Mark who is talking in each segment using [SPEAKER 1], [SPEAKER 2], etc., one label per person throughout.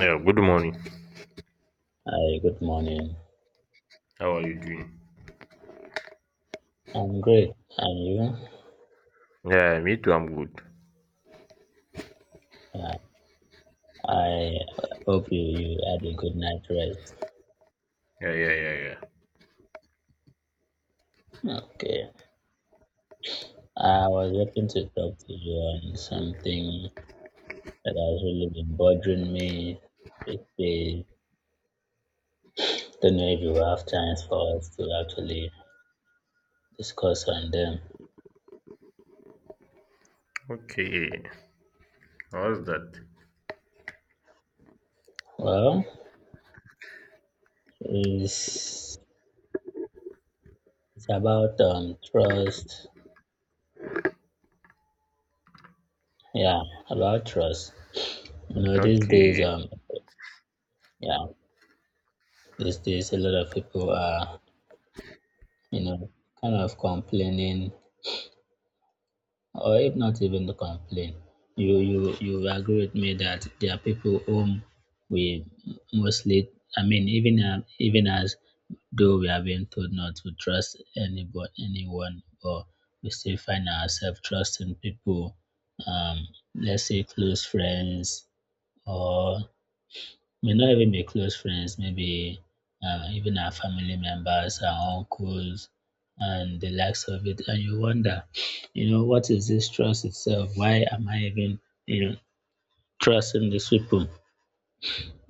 [SPEAKER 1] Yeah, good morning.
[SPEAKER 2] Hi, good morning.
[SPEAKER 1] How are you doing?
[SPEAKER 2] I'm great. And you?
[SPEAKER 1] Yeah, me too, I'm good.
[SPEAKER 2] I hope you had a good night rest.
[SPEAKER 1] Yeah, yeah, yeah, yeah.
[SPEAKER 2] Okay. I was hoping to talk to you on something that has really been bothering me. It is, don't know if you have time for us to actually discuss on them.
[SPEAKER 1] Okay, how's that?
[SPEAKER 2] Well, it's, it's about trust. Yeah, about trust. You know, these days,
[SPEAKER 1] Okay,
[SPEAKER 2] um, yeah, these days a lot of people are you know, kind of complaining, or if not even to complain, you agree with me that there are people whom we mostly, I mean, even as though we are being told not to trust anybody, anyone, but we still find ourselves trusting people, um, let's say close friends or may not even be close friends, maybe even our family members, our uncles, and the likes of it. And you wonder, what is this trust itself? Why am I even, you know, trusting these people?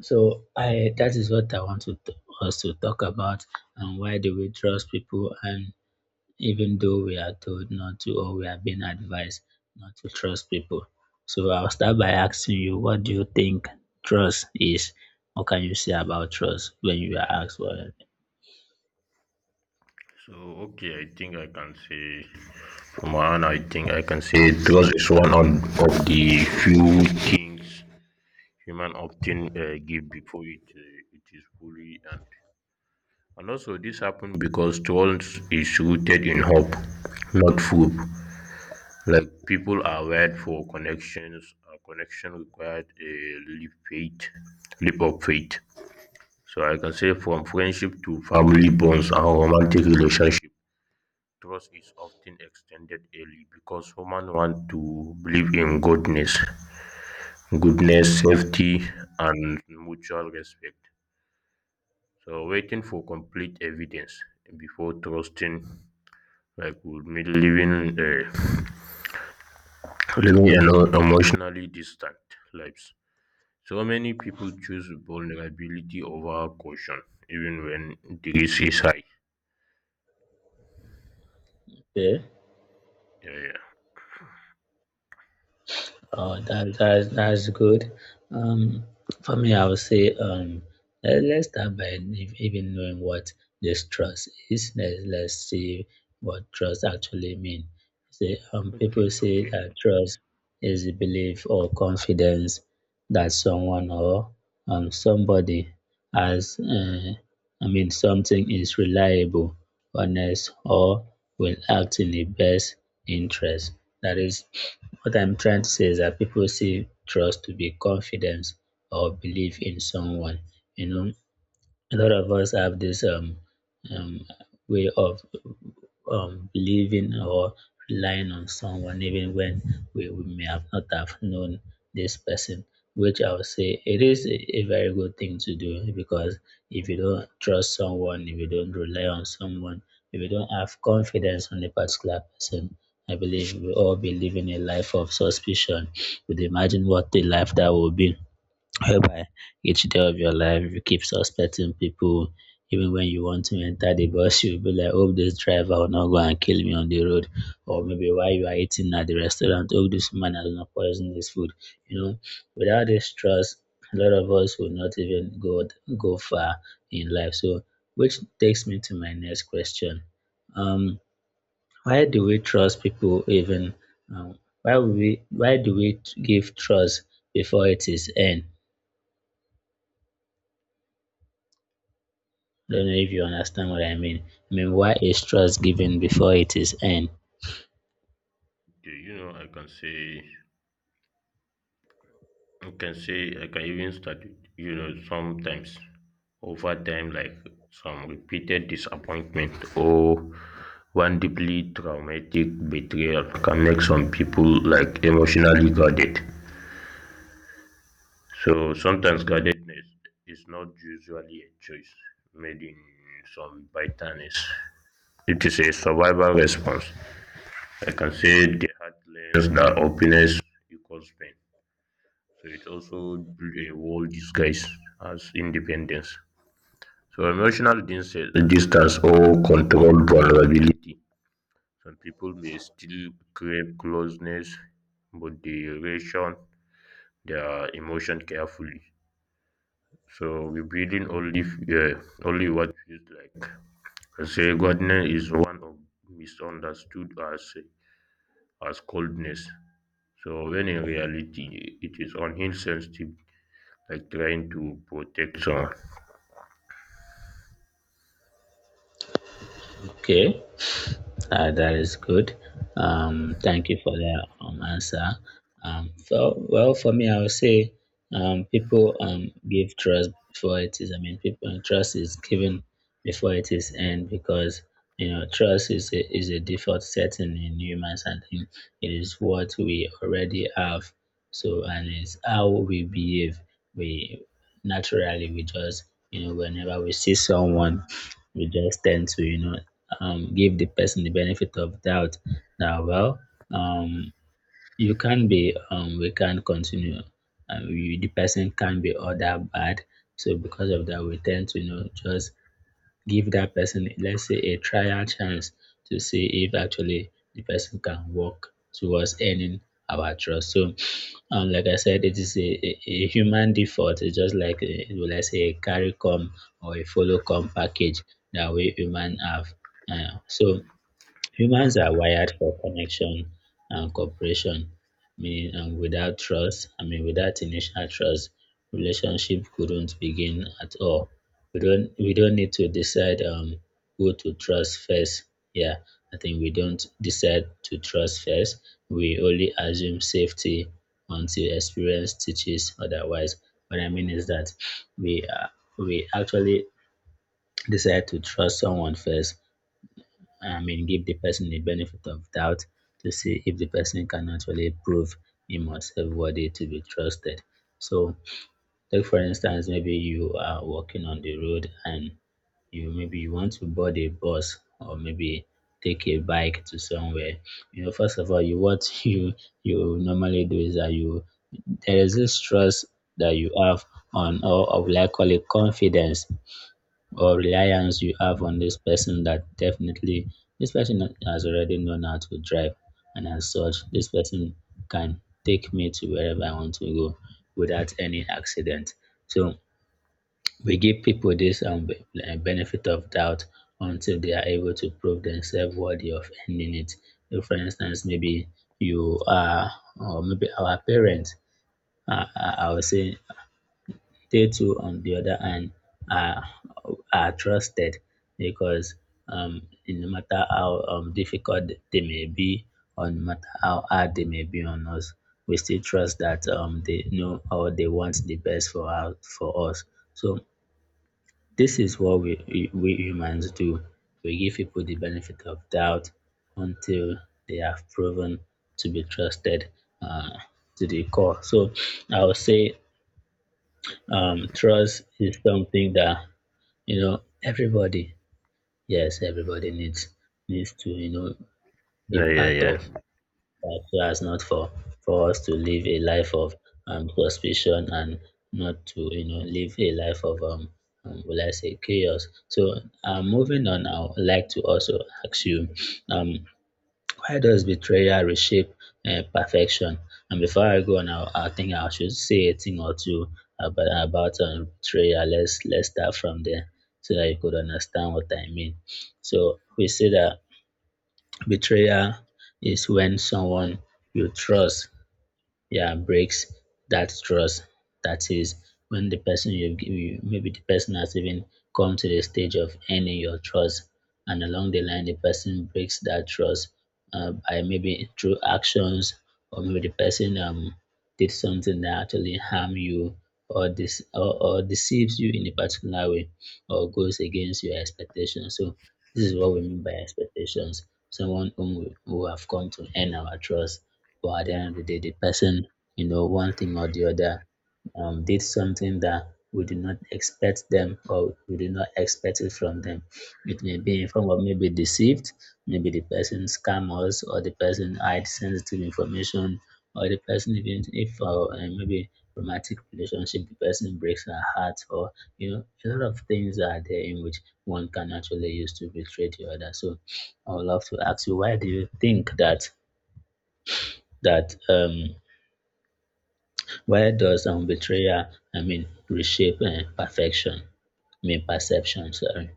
[SPEAKER 2] So I that is what I want to us to talk about, and why do we trust people, and even though we are told not to, or we are being advised not to trust people. So I'll start by asking you, what do you think trust is? What can you say about trust when you are asked what?
[SPEAKER 1] so okay, I think I can say, from my end, I think I can say trust is one of the few things human often give before it is fully earned. And also, this happened because trust is rooted in hope, not proof. Like people are wired for connections. A connection required a leap of faith. So I can say from friendship to family bonds and romantic relationship, trust is often extended early because humans want to believe in goodness, safety, and mutual respect. So waiting for complete evidence before trusting like would mean living an emotionally distant lives. So many people choose vulnerability over caution, even when the risk is high.
[SPEAKER 2] Okay.
[SPEAKER 1] Yeah, yeah.
[SPEAKER 2] Oh, that's good. Um, for me, I would say let's start by even knowing what this trust is. Let's see what trust actually means. Say, people
[SPEAKER 1] Okay,
[SPEAKER 2] say
[SPEAKER 1] okay.
[SPEAKER 2] that trust is the belief or confidence that someone or somebody has. I mean, something is reliable, honest, or will act in the best interest. That is what I'm trying to say, is that people see trust to be confidence or belief in someone. You know, a lot of us have this um, way of believing or relying on someone, even when we may have not have known this person, which I would say it is a very good thing to do, because if you don't trust someone, if you don't rely on someone, if you don't have confidence on a particular person, I believe we all believe in a life of suspicion. Would imagine what the life that will be, whereby each day of your life you keep suspecting people. Even when you want to enter the bus, you'll be like, hope this driver will not go and kill me on the road, or maybe while you are eating at the restaurant, hope this man has not poisoned this food. You know, without this trust, a lot of us will not even go far in life. So, which takes me to my next question. Um why do we trust people even why we why do we give trust before it is earned? Don't know if you understand what I mean. I mean, why is trust given before it is earned?
[SPEAKER 1] Do you know I can say I can even start with sometimes over time like some repeated disappointment or one deeply traumatic betrayal can make some people like emotionally guarded. So sometimes guardedness is not usually a choice made in some bitterness. It is a survival response. I can say they had learned that openness equals pain, so it also built a wall disguised as independence. So emotional distance or controlled vulnerability. Some people may still crave closeness, but they ration their emotion carefully. So revealing only only what feels like. Say, Godness is one of misunderstood as coldness. So when in reality it is on insensitive, like trying to protect someone.
[SPEAKER 2] Okay. That is good. Thank you for the answer. Well, for me, I would say people give trust before it is. I mean, people trust is given before it is earned, because you know trust is is a default setting in humans, and it is what we already have. So, and it's how we behave. We we just, you know, whenever we see someone, we just tend to, you know, give the person the benefit of doubt, that well, um, you can be we can continue you, the person can be all that bad, so because of that we tend to, you know, just give that person, let's say, a trial chance to see if actually the person can work towards earning our trust. So, like I said, it is a human default. It's just like, will I say, a carry come or a follow come package that we human have. So humans are wired for connection and cooperation, meaning without trust, I mean, without initial trust, relationship couldn't begin at all. We don't need to decide who to trust first. Yeah, I think we don't decide to trust first. We only assume safety until experience teaches otherwise. What I mean is that we uh, we actually decide to trust someone first, I mean, give the person the benefit of doubt to see if the person can actually prove him or herself worthy to be trusted. So, like for instance, maybe you are walking on the road, and you maybe you want to board a bus, or maybe take a bike to somewhere. You know, first of all, you what you normally do is that you there is this trust that you have on, or will I call it confidence or reliance you have on this person, that definitely this person has already known how to drive, and as such this person can take me to wherever I want to go without any accident. So, we give people this benefit of doubt until they are able to prove themselves worthy of earning it. So for instance, maybe you are or maybe our parents, I would say statue, on the other hand, are are trusted because, no matter how difficult they may be, or no matter how hard they may be on us, we still trust that they know or they want the best for us. For us, so this is what we humans do. We give people the benefit of doubt until they have proven to be trusted, uh, to the core. So I would say trust is something that, you know, everybody, yes, everybody needs to, you know, be
[SPEAKER 1] Yeah, yeah,
[SPEAKER 2] part of
[SPEAKER 1] yeah.
[SPEAKER 2] that, so as not for for us to live a life of suspicion, and not to, you know, live a life of will I say chaos. So, moving on, I would like to also ask you, um why does betrayal reshape perfection? And before I go on, I think I should say a thing or two about betrayal. Let's start from there so that you could understand what I mean. So we say that betrayal is when someone you trust, yeah, breaks that trust. That is, when the person you give, you maybe the person has even come to the stage of earning your trust, and along the line the person breaks that trust, by maybe through actions, or maybe the person did something that actually harm you, or or deceives you in a particular way, or goes against your expectations. So this is what we mean by expectations, someone whom who have come to earn our trust, but at the end of the day, the person, you know, one thing or the other, did something that we do not expect them, or we do not expect it from them. It may be in form of maybe deceived, maybe the person scam us, or the person hide sensitive information, or the person, even if maybe romantic relationship, the person breaks our heart, or, you know, a lot of things are there in which one can actually use to betray the other. So I would love to ask you, why do you think that that um why does betrayal, I mean, reshape perfection? I mean, perception, sorry.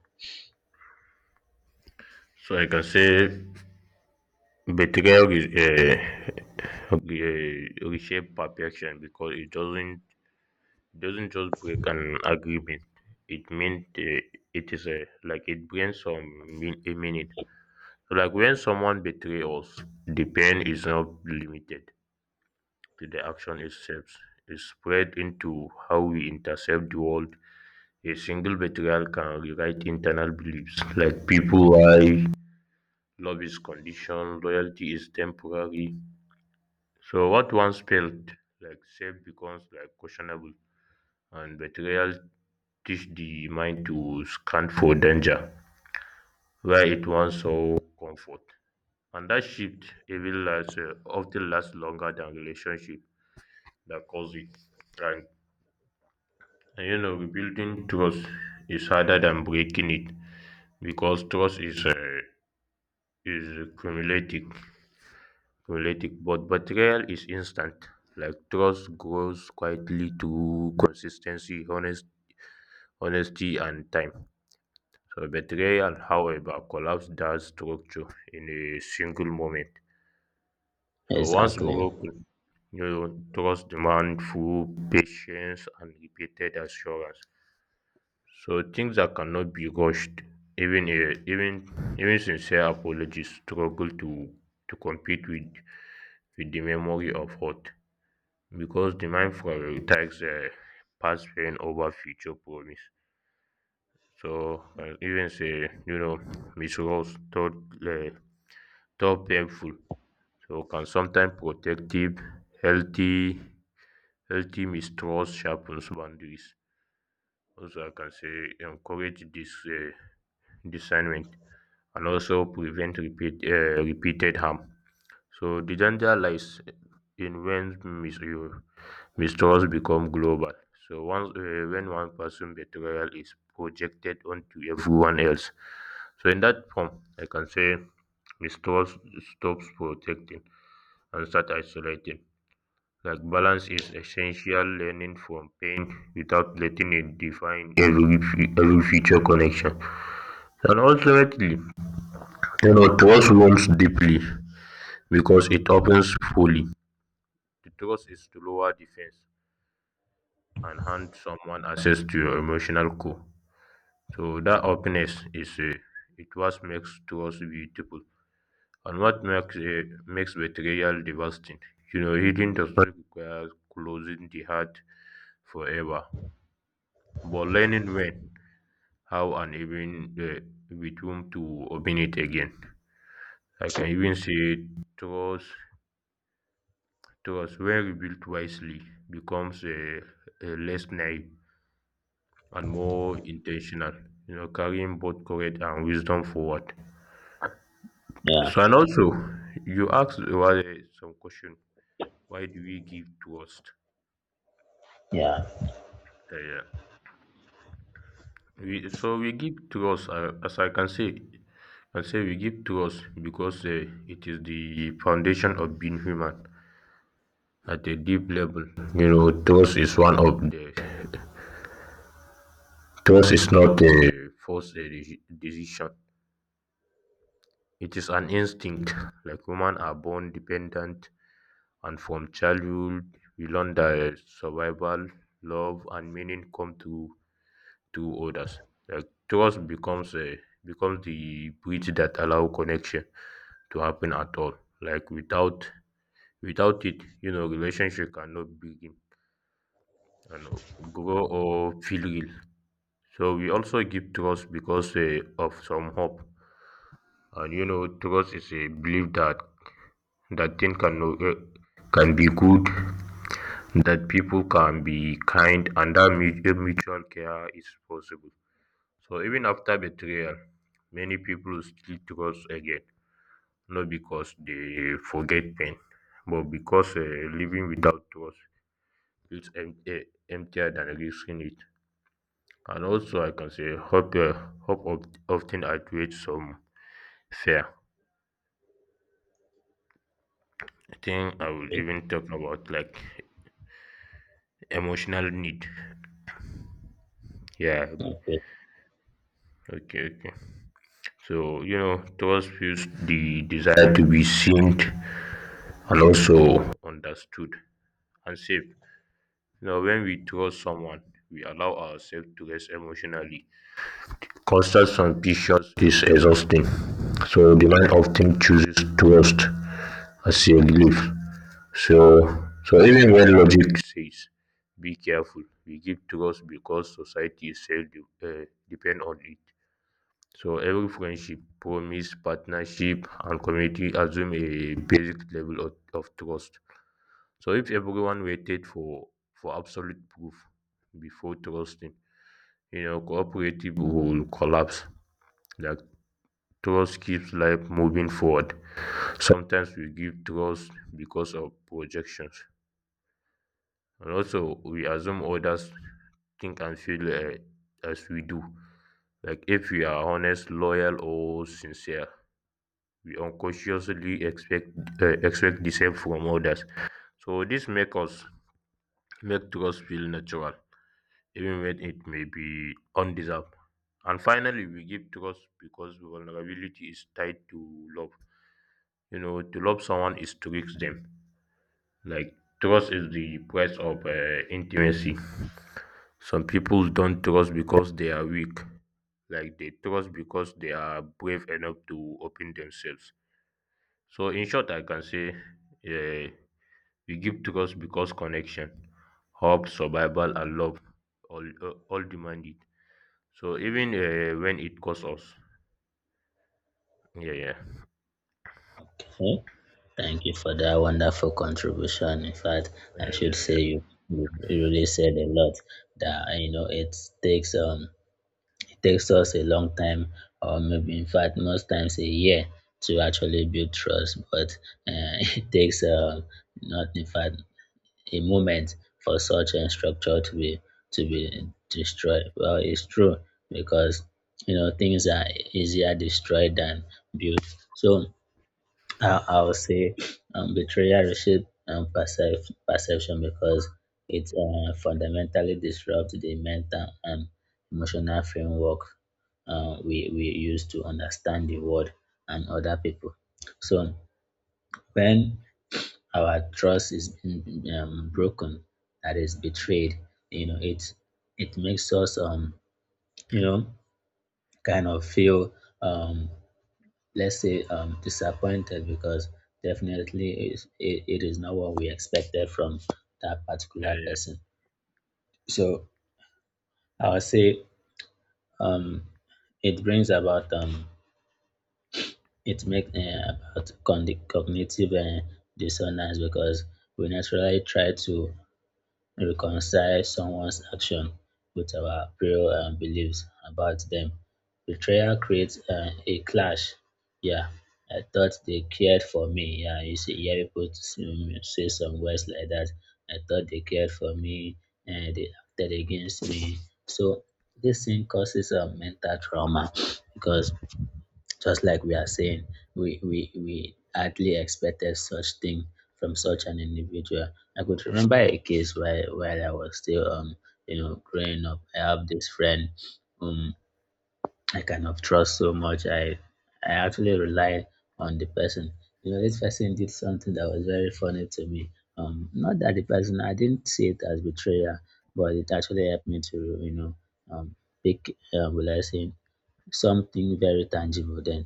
[SPEAKER 1] So I can say betrayal is reshape perfection because it doesn't just break an agreement. It meant it is a like it brings a meaning. So like when someone betrays us, the pain is not limited to the action itself, is spread into how we intercept the world. A single betrayal can rewrite internal beliefs like people why love is conditional, loyalty is temporary. So what once felt like safe becomes like questionable, and betrayal teach the mind to scan for danger where it once saw comfort. And that shift even often lasts longer than relationship that cause it. And And rebuilding trust is harder than breaking it because trust is cumulative, But betrayal is instant. Like trust grows quietly through consistency, honesty, and time. So betrayal, however, collapses that structure in a single moment. So once
[SPEAKER 2] Exactly.
[SPEAKER 1] broken, trust demand full patience and repeated assurance. So things that cannot be rushed, even a even even sincere apologies struggle to compete with the memory of hurt because the mind prioritizes past pain over future promise. So can even say misroles uh, thought painful. So can sometimes protective, healthy, healthy mistrust sharpens boundaries. Also, I can say encourage this discernment and also prevent repeated harm. So the danger lies in when mistrust become global. So once when one person betrayal is projected onto everyone else. So in that form, I can say mistrust stops protecting and start isolating. Like balance is essential learning from pain without letting it define every future connection. And ultimately, trust wounds deeply, because it opens fully, the trust is to lower defense and hand someone access to your emotional core. So that openness is it what makes trust beautiful and what makes makes betrayal devastating. Healing does not require closing the heart forever, but learning when, how, and even with whom to open it again. I can even say trust thus, when rebuilt wisely, becomes a less naive and more intentional, carrying both courage and wisdom forward.
[SPEAKER 2] Yeah,
[SPEAKER 1] So, and also, you asked about some question. Why do we give trust?
[SPEAKER 2] yeah.
[SPEAKER 1] Uh, yeah. So we give trust, as I say we give trust because it is the foundation of being human at a deep level. Trust is one of the trust is not a forced decision. It is an instinct, like women are born dependent, and from childhood we learn that survival, love, and meaning come through others. Like trust becomes the bridge that allow connection to happen at all. Like without it, relationship cannot begin and grow or feel real. So we also give trust because of some hope. And trust is a belief that thing can no can be good, that people can be kind, and that mutual care is possible. So even after betrayal, many people still trust again, not because they forget pain, but because living without trust feels emptier than risking it. And also, I can say hope often outweighs some fear. I think I will
[SPEAKER 2] Okay,
[SPEAKER 1] even talk about like emotional need. Yeah,
[SPEAKER 2] okay.
[SPEAKER 1] okay, okay. So, trust fuels the desire to be seen and also understood and safe. When we trust someone, we allow ourselves to rest emotionally. Constant suspicion is exhausting. So the mind often chooses trust as a relief. So so even when logic says be careful, we give trust because society itself depend on it. So every friendship, promise, partnership, and community assume a basic level of trust. So if everyone waited for absolute proof before trusting, cooperative will collapse. Like trust keeps life moving forward. Sometimes we give trust because of projections, and also we assume others think and feel as we do. Like if we are honest, loyal, or sincere, we unconsciously expect the same from others. So this make us make trust feel natural, even when it may be undeserved. And finally, we give trust because vulnerability is tied to love. To love someone is to risk them. Like trust is the price of intimacy. Some people don't trust because they are weak. Like they trust because they are brave enough to open themselves. So in short, I can say, uh, You give trust because connection, hope, survival, and love all demand it. So even when it costs us, yeah, yeah,
[SPEAKER 2] Okay. Thank you for that wonderful contribution. In fact,
[SPEAKER 1] yeah,
[SPEAKER 2] I should
[SPEAKER 1] yeah, yeah,
[SPEAKER 2] say you really said a lot, that you know takes um it takes us a long time, or maybe in fact most times a year, to actually build trust, but it takes not in fact a moment for such a structure to be destroyed. Well, it's true, because you know things are easier destroyed than built. So, I would say betrayal reshape perception because it fundamentally disrupts the mental and emotional framework we use to understand the world and other people. So when our trust is being broken, that is, betrayed, you know, it makes us you know kind of feel um let's say disappointed, because definitely it is not what we expected from that
[SPEAKER 1] yeah,
[SPEAKER 2] particular
[SPEAKER 1] yeah,
[SPEAKER 2] person. So I would say um it brings about it makes about cognitive dissonance, because we naturally try to reconcile someone's action with our prayer and beliefs about them. Betrayal creates a clash. Yeah, I thought they cared for me. Yeah, you see, you hear people say say some words like that. I thought they cared for me, and they acted against me. So this thing causes a mental trauma because just like we are saying, we hardly expected such thing from such an individual. I could remember a case where while I was still growing up, I have this friend whom I cannot trust so much. I actually rely on the person. You know, this person did something that was very funny to me. Not that the person, I didn't see it as betrayal, but it actually helped me to um pick, will I say, something very tangible then.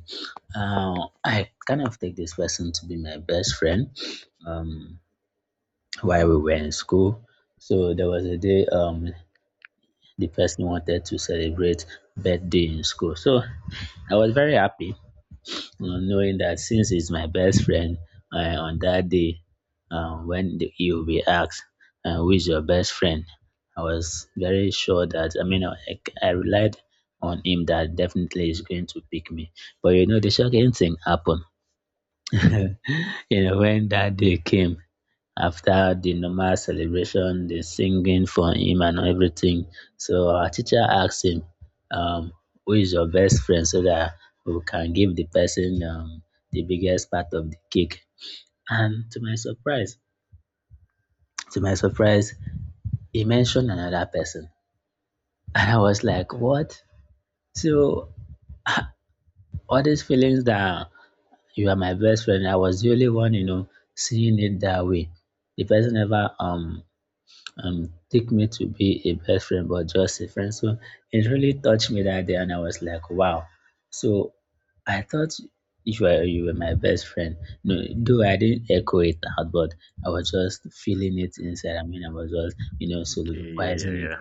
[SPEAKER 2] uh, I kind of take this person to be my best friend um, while we were in school. So there was a day, the person wanted to celebrate birthday in school, so I was very happy, knowing that since he's my best friend, on that day, when he will be asked, who is your best friend? I was very sure that, I mean, I relied on him that definitely he's going to pick me. But you know, the shocking thing happened. You know, when that day came, after the normal celebration, the singing for him and everything. So our teacher asked him, um, who is your best friend so that we can give the person the biggest part of the cake. And to my surprise, he mentioned another person. And I was like, what? So all these feelings that you are my best friend, I was the only one, you know, seeing it that way. The person never take me to be a best friend, but just a friend. So it really touched me that day, and I was like, wow. So I thought you were my best friend. No, though I didn't echo it out, but I was just feeling it inside. I mean, I was just
[SPEAKER 1] yeah, yeah,
[SPEAKER 2] soliloquizing it.
[SPEAKER 1] yeah,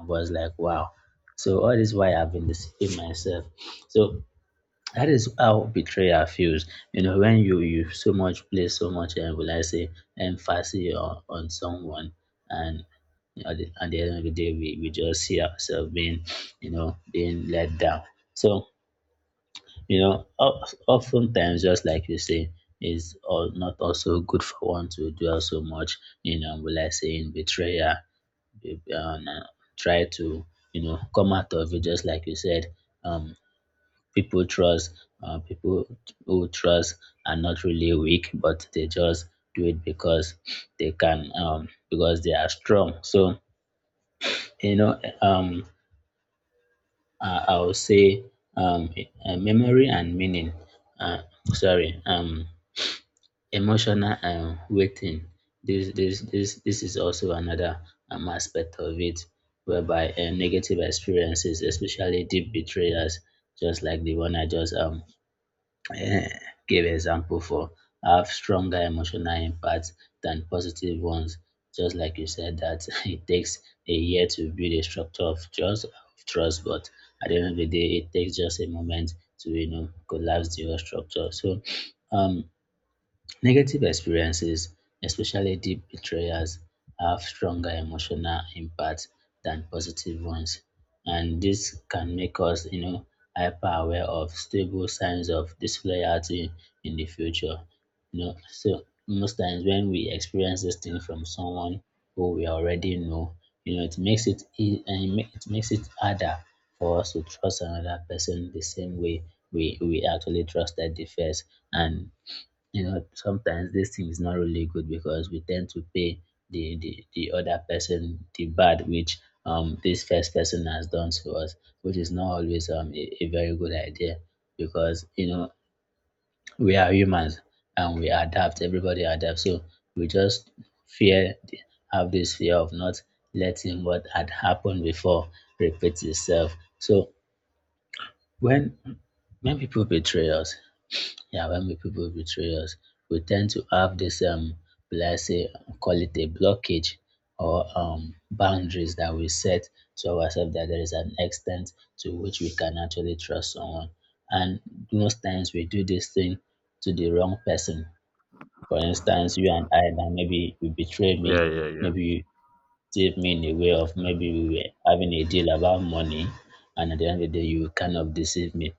[SPEAKER 2] I was like, wow. So all this why I've been deceiving myself. So that is how betrayal feels. You know, when you so much place so much, and will I say, emphasis on someone, and you know, at at the end of the day, we just see ourselves being, you know, being let down. So, you know, oftentimes, just like you say, is all not also good for one to dwell so much, you know, will I say, in betrayal. be- um, uh, Try to, you know, come out of it, just like you said, um, people trust, people who trust are not really weak, but they just do it because they can, because they are strong. So you know um I would say um memory and meaning, uh, sorry, emotional waiting. This is also another aspect of it, whereby negative experiences, especially deep betrayals, just like the one I just Eh, give example for, have stronger emotional impact than positive ones. Just like you said that it takes a year to build a structure of trust, but at the end of the day, it takes just a moment to collapse the whole structure. So, um, negative experiences, especially deep betrayals, have stronger emotional impact than positive ones, and this can make us, you know, hyper aware of stable signs of disloyalty in the future. You know, so most times when we experience this thing from someone who we already know, you know, it makes it and it it makes it harder for us to trust another person the same way we actually trusted the first. And you know, sometimes this thing is not really good because we tend to pay the other person the bad which this first person has done to us, which is not always a very good idea, because you know we are humans and we adapt. Everybody adapts, so we just fear have this fear of not letting what had happened before repeat itself. So when when people betray us, yeah, when we people betray us, we tend to have this, let's say, call it a blockage, or boundaries that we set to ourselves, that there is an extent to which we can actually trust someone. And most times we do this thing to the wrong person. For instance, you and I now, maybe you betrayed
[SPEAKER 1] yeah,
[SPEAKER 2] me,
[SPEAKER 1] yeah, yeah, yeah, yeah.
[SPEAKER 2] maybe you did me in a way of, maybe we were having a deal about money, and at the end of the day you kind of deceived me.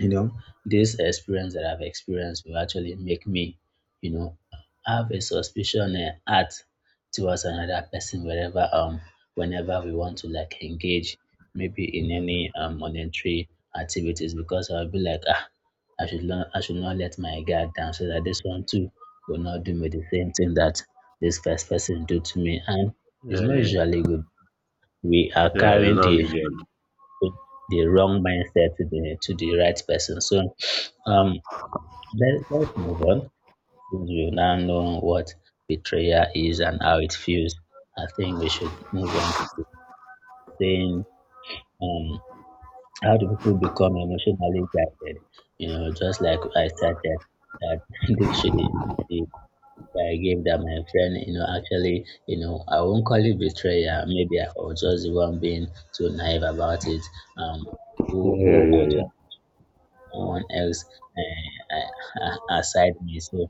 [SPEAKER 2] You know, this experience that I've experienced will actually make me, you know, have a suspicion, heart towards another person wherever whenever we want to like engage maybe in any monetary activities, because I'll be like, ah, I should not let my guard down, so that this one too will not do me the same thing that this first person do to me. And it's
[SPEAKER 1] Yeah,
[SPEAKER 2] not usually good, we are
[SPEAKER 1] yeah. It's
[SPEAKER 2] carrying
[SPEAKER 1] not
[SPEAKER 2] the
[SPEAKER 1] resolved.
[SPEAKER 2] with the wrong mindset to the right person. So um let's move on. Since we now know what betrayal is and how it feels, I think we should move on saying, um how do people become emotionally guided? You know, just like I started that dictionary, the I gave that my friend, you know, actually, you know, I won't call it betrayal. Maybe I was just the one being too naive about it. Um,
[SPEAKER 1] Yeah,
[SPEAKER 2] who
[SPEAKER 1] yeah, yeah,
[SPEAKER 2] actually someone else, uh, aside me. So,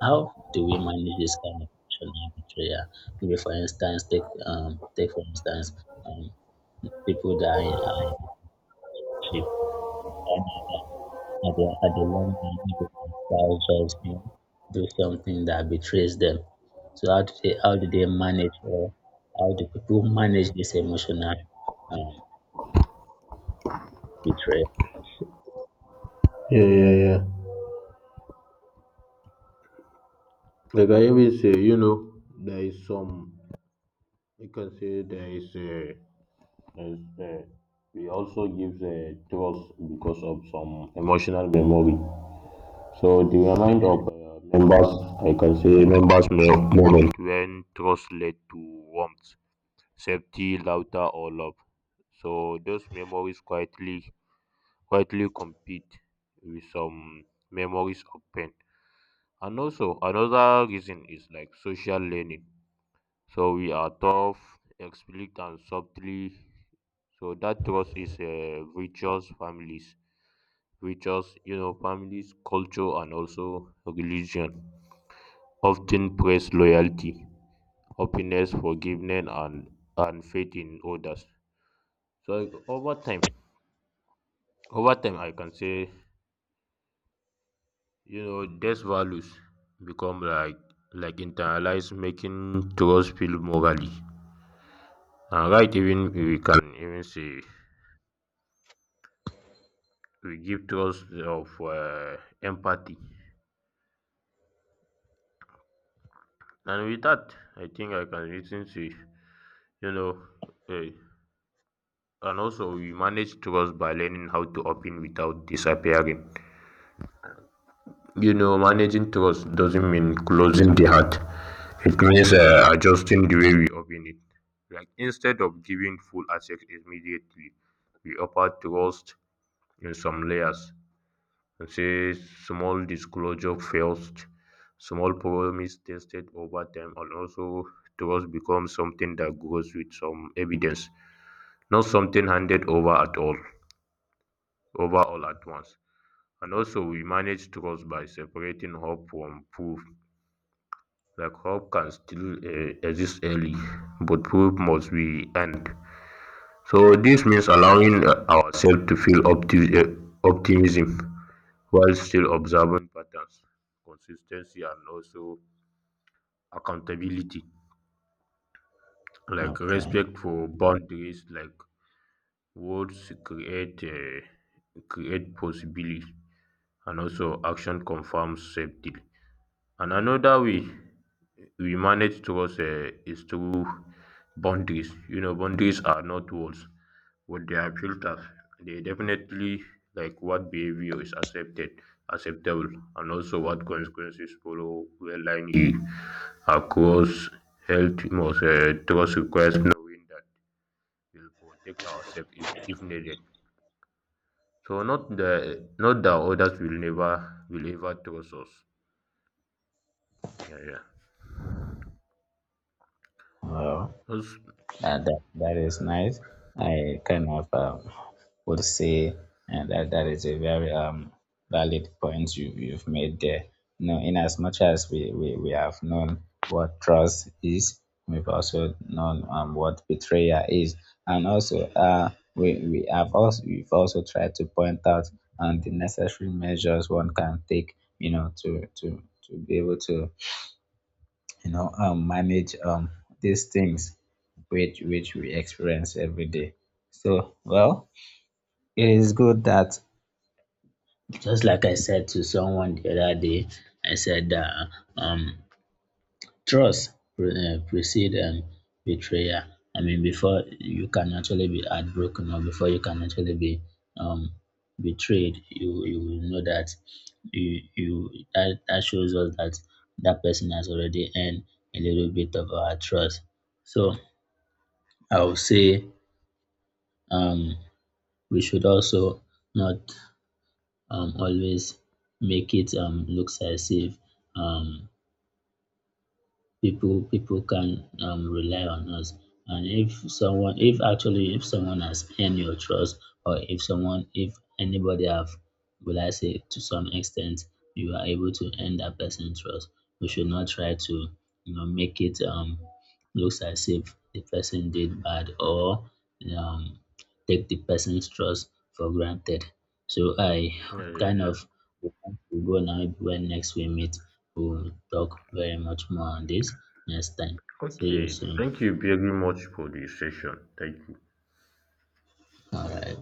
[SPEAKER 2] how do we manage this kind of emotional betrayal? Maybe, for instance, take, take for instance, people that are are in a relationship. You find out that at at the long run, people can start just, you know, do something that betrays them. So how do they, manage, or how do people manage this emotional, um, betrayal?
[SPEAKER 1] yeah, yeah, yeah. Like I always say, there is some. You can say there is a. Yes, we also give tours because of some emotional memory. So the remind
[SPEAKER 2] Yeah.
[SPEAKER 1] of members, I can say members moment when trust led to warmth, safety, laughter, or love. So those memories quietly compete with some memories of pain. And also another reason is like social learning. So we are tough, explicit, and softly so that trust is religious families, religious, families, culture, and also religion often praise loyalty, happiness, forgiveness, and faith in others. So over time, I can say, these values become like internalized, making trust feel morally and right. Even we can even say we give trust of empathy and with that I think I can listen to know eh, and also we manage trust by learning how to open without disappearing. Managing trust doesn't mean closing the heart. It means adjusting the way we open it, like instead of giving full access immediately we offer trust in some layers. And say small disclosure first. Small promise tested over time, and also trust becomes something that grows with some evidence, not something handed over all at once. And also, we manage trust by separating hope from proof. Like hope can still exist early, but proof must be earned. So this means allowing ourselves to feel optimism while still observing patterns, consistency, and also accountability, like
[SPEAKER 2] Okay.
[SPEAKER 1] respect for boundaries, like words create possibly, and also action confirms safety. And another way we manage trust is through boundaries. Boundaries are not walls, but they are filters. They definitely like what behavior is acceptable, and also what consequences follow where line is. Across health, most trust requires knowing that we'll protect ourselves if needed. So not the not that others will never will ever trust us. Yeah, yeah.
[SPEAKER 2] Well.
[SPEAKER 1] Those-
[SPEAKER 2] That is nice. I kind of, would say that that is a very, valid point you've made there. You know, in as much as we have known what trust is, we've also known, what betrayal is, and also, we have also we've also tried to point out, the necessary measures one can take, you know, to be able to, you know, manage, these things which we experience every day. So well, it is good that, just like I said to someone the other day, I said that, um trust precede, betrayal. I mean, before you can actually be heartbroken, or before you can actually be, um, betrayed, you will know that you that, that shows us that that person has already earned a little bit of our trust. So I would say, um, we should also not, always make it, looks as if, um, people can, rely on us. And if someone, if actually, if someone you trust, or if someone, anybody, have, will I say, to some extent you are able to earn that person's trust, we should not try to, you know, make it, looks as if the person did bad, or um take trust for granted. So I
[SPEAKER 1] yeah, yeah,
[SPEAKER 2] kind
[SPEAKER 1] yeah.
[SPEAKER 2] of, maybe when next we meet, we'll talk very much more on this next time. See you
[SPEAKER 1] Okay,
[SPEAKER 2] soon.
[SPEAKER 1] thank you very much for the session. Thank you.
[SPEAKER 2] All right.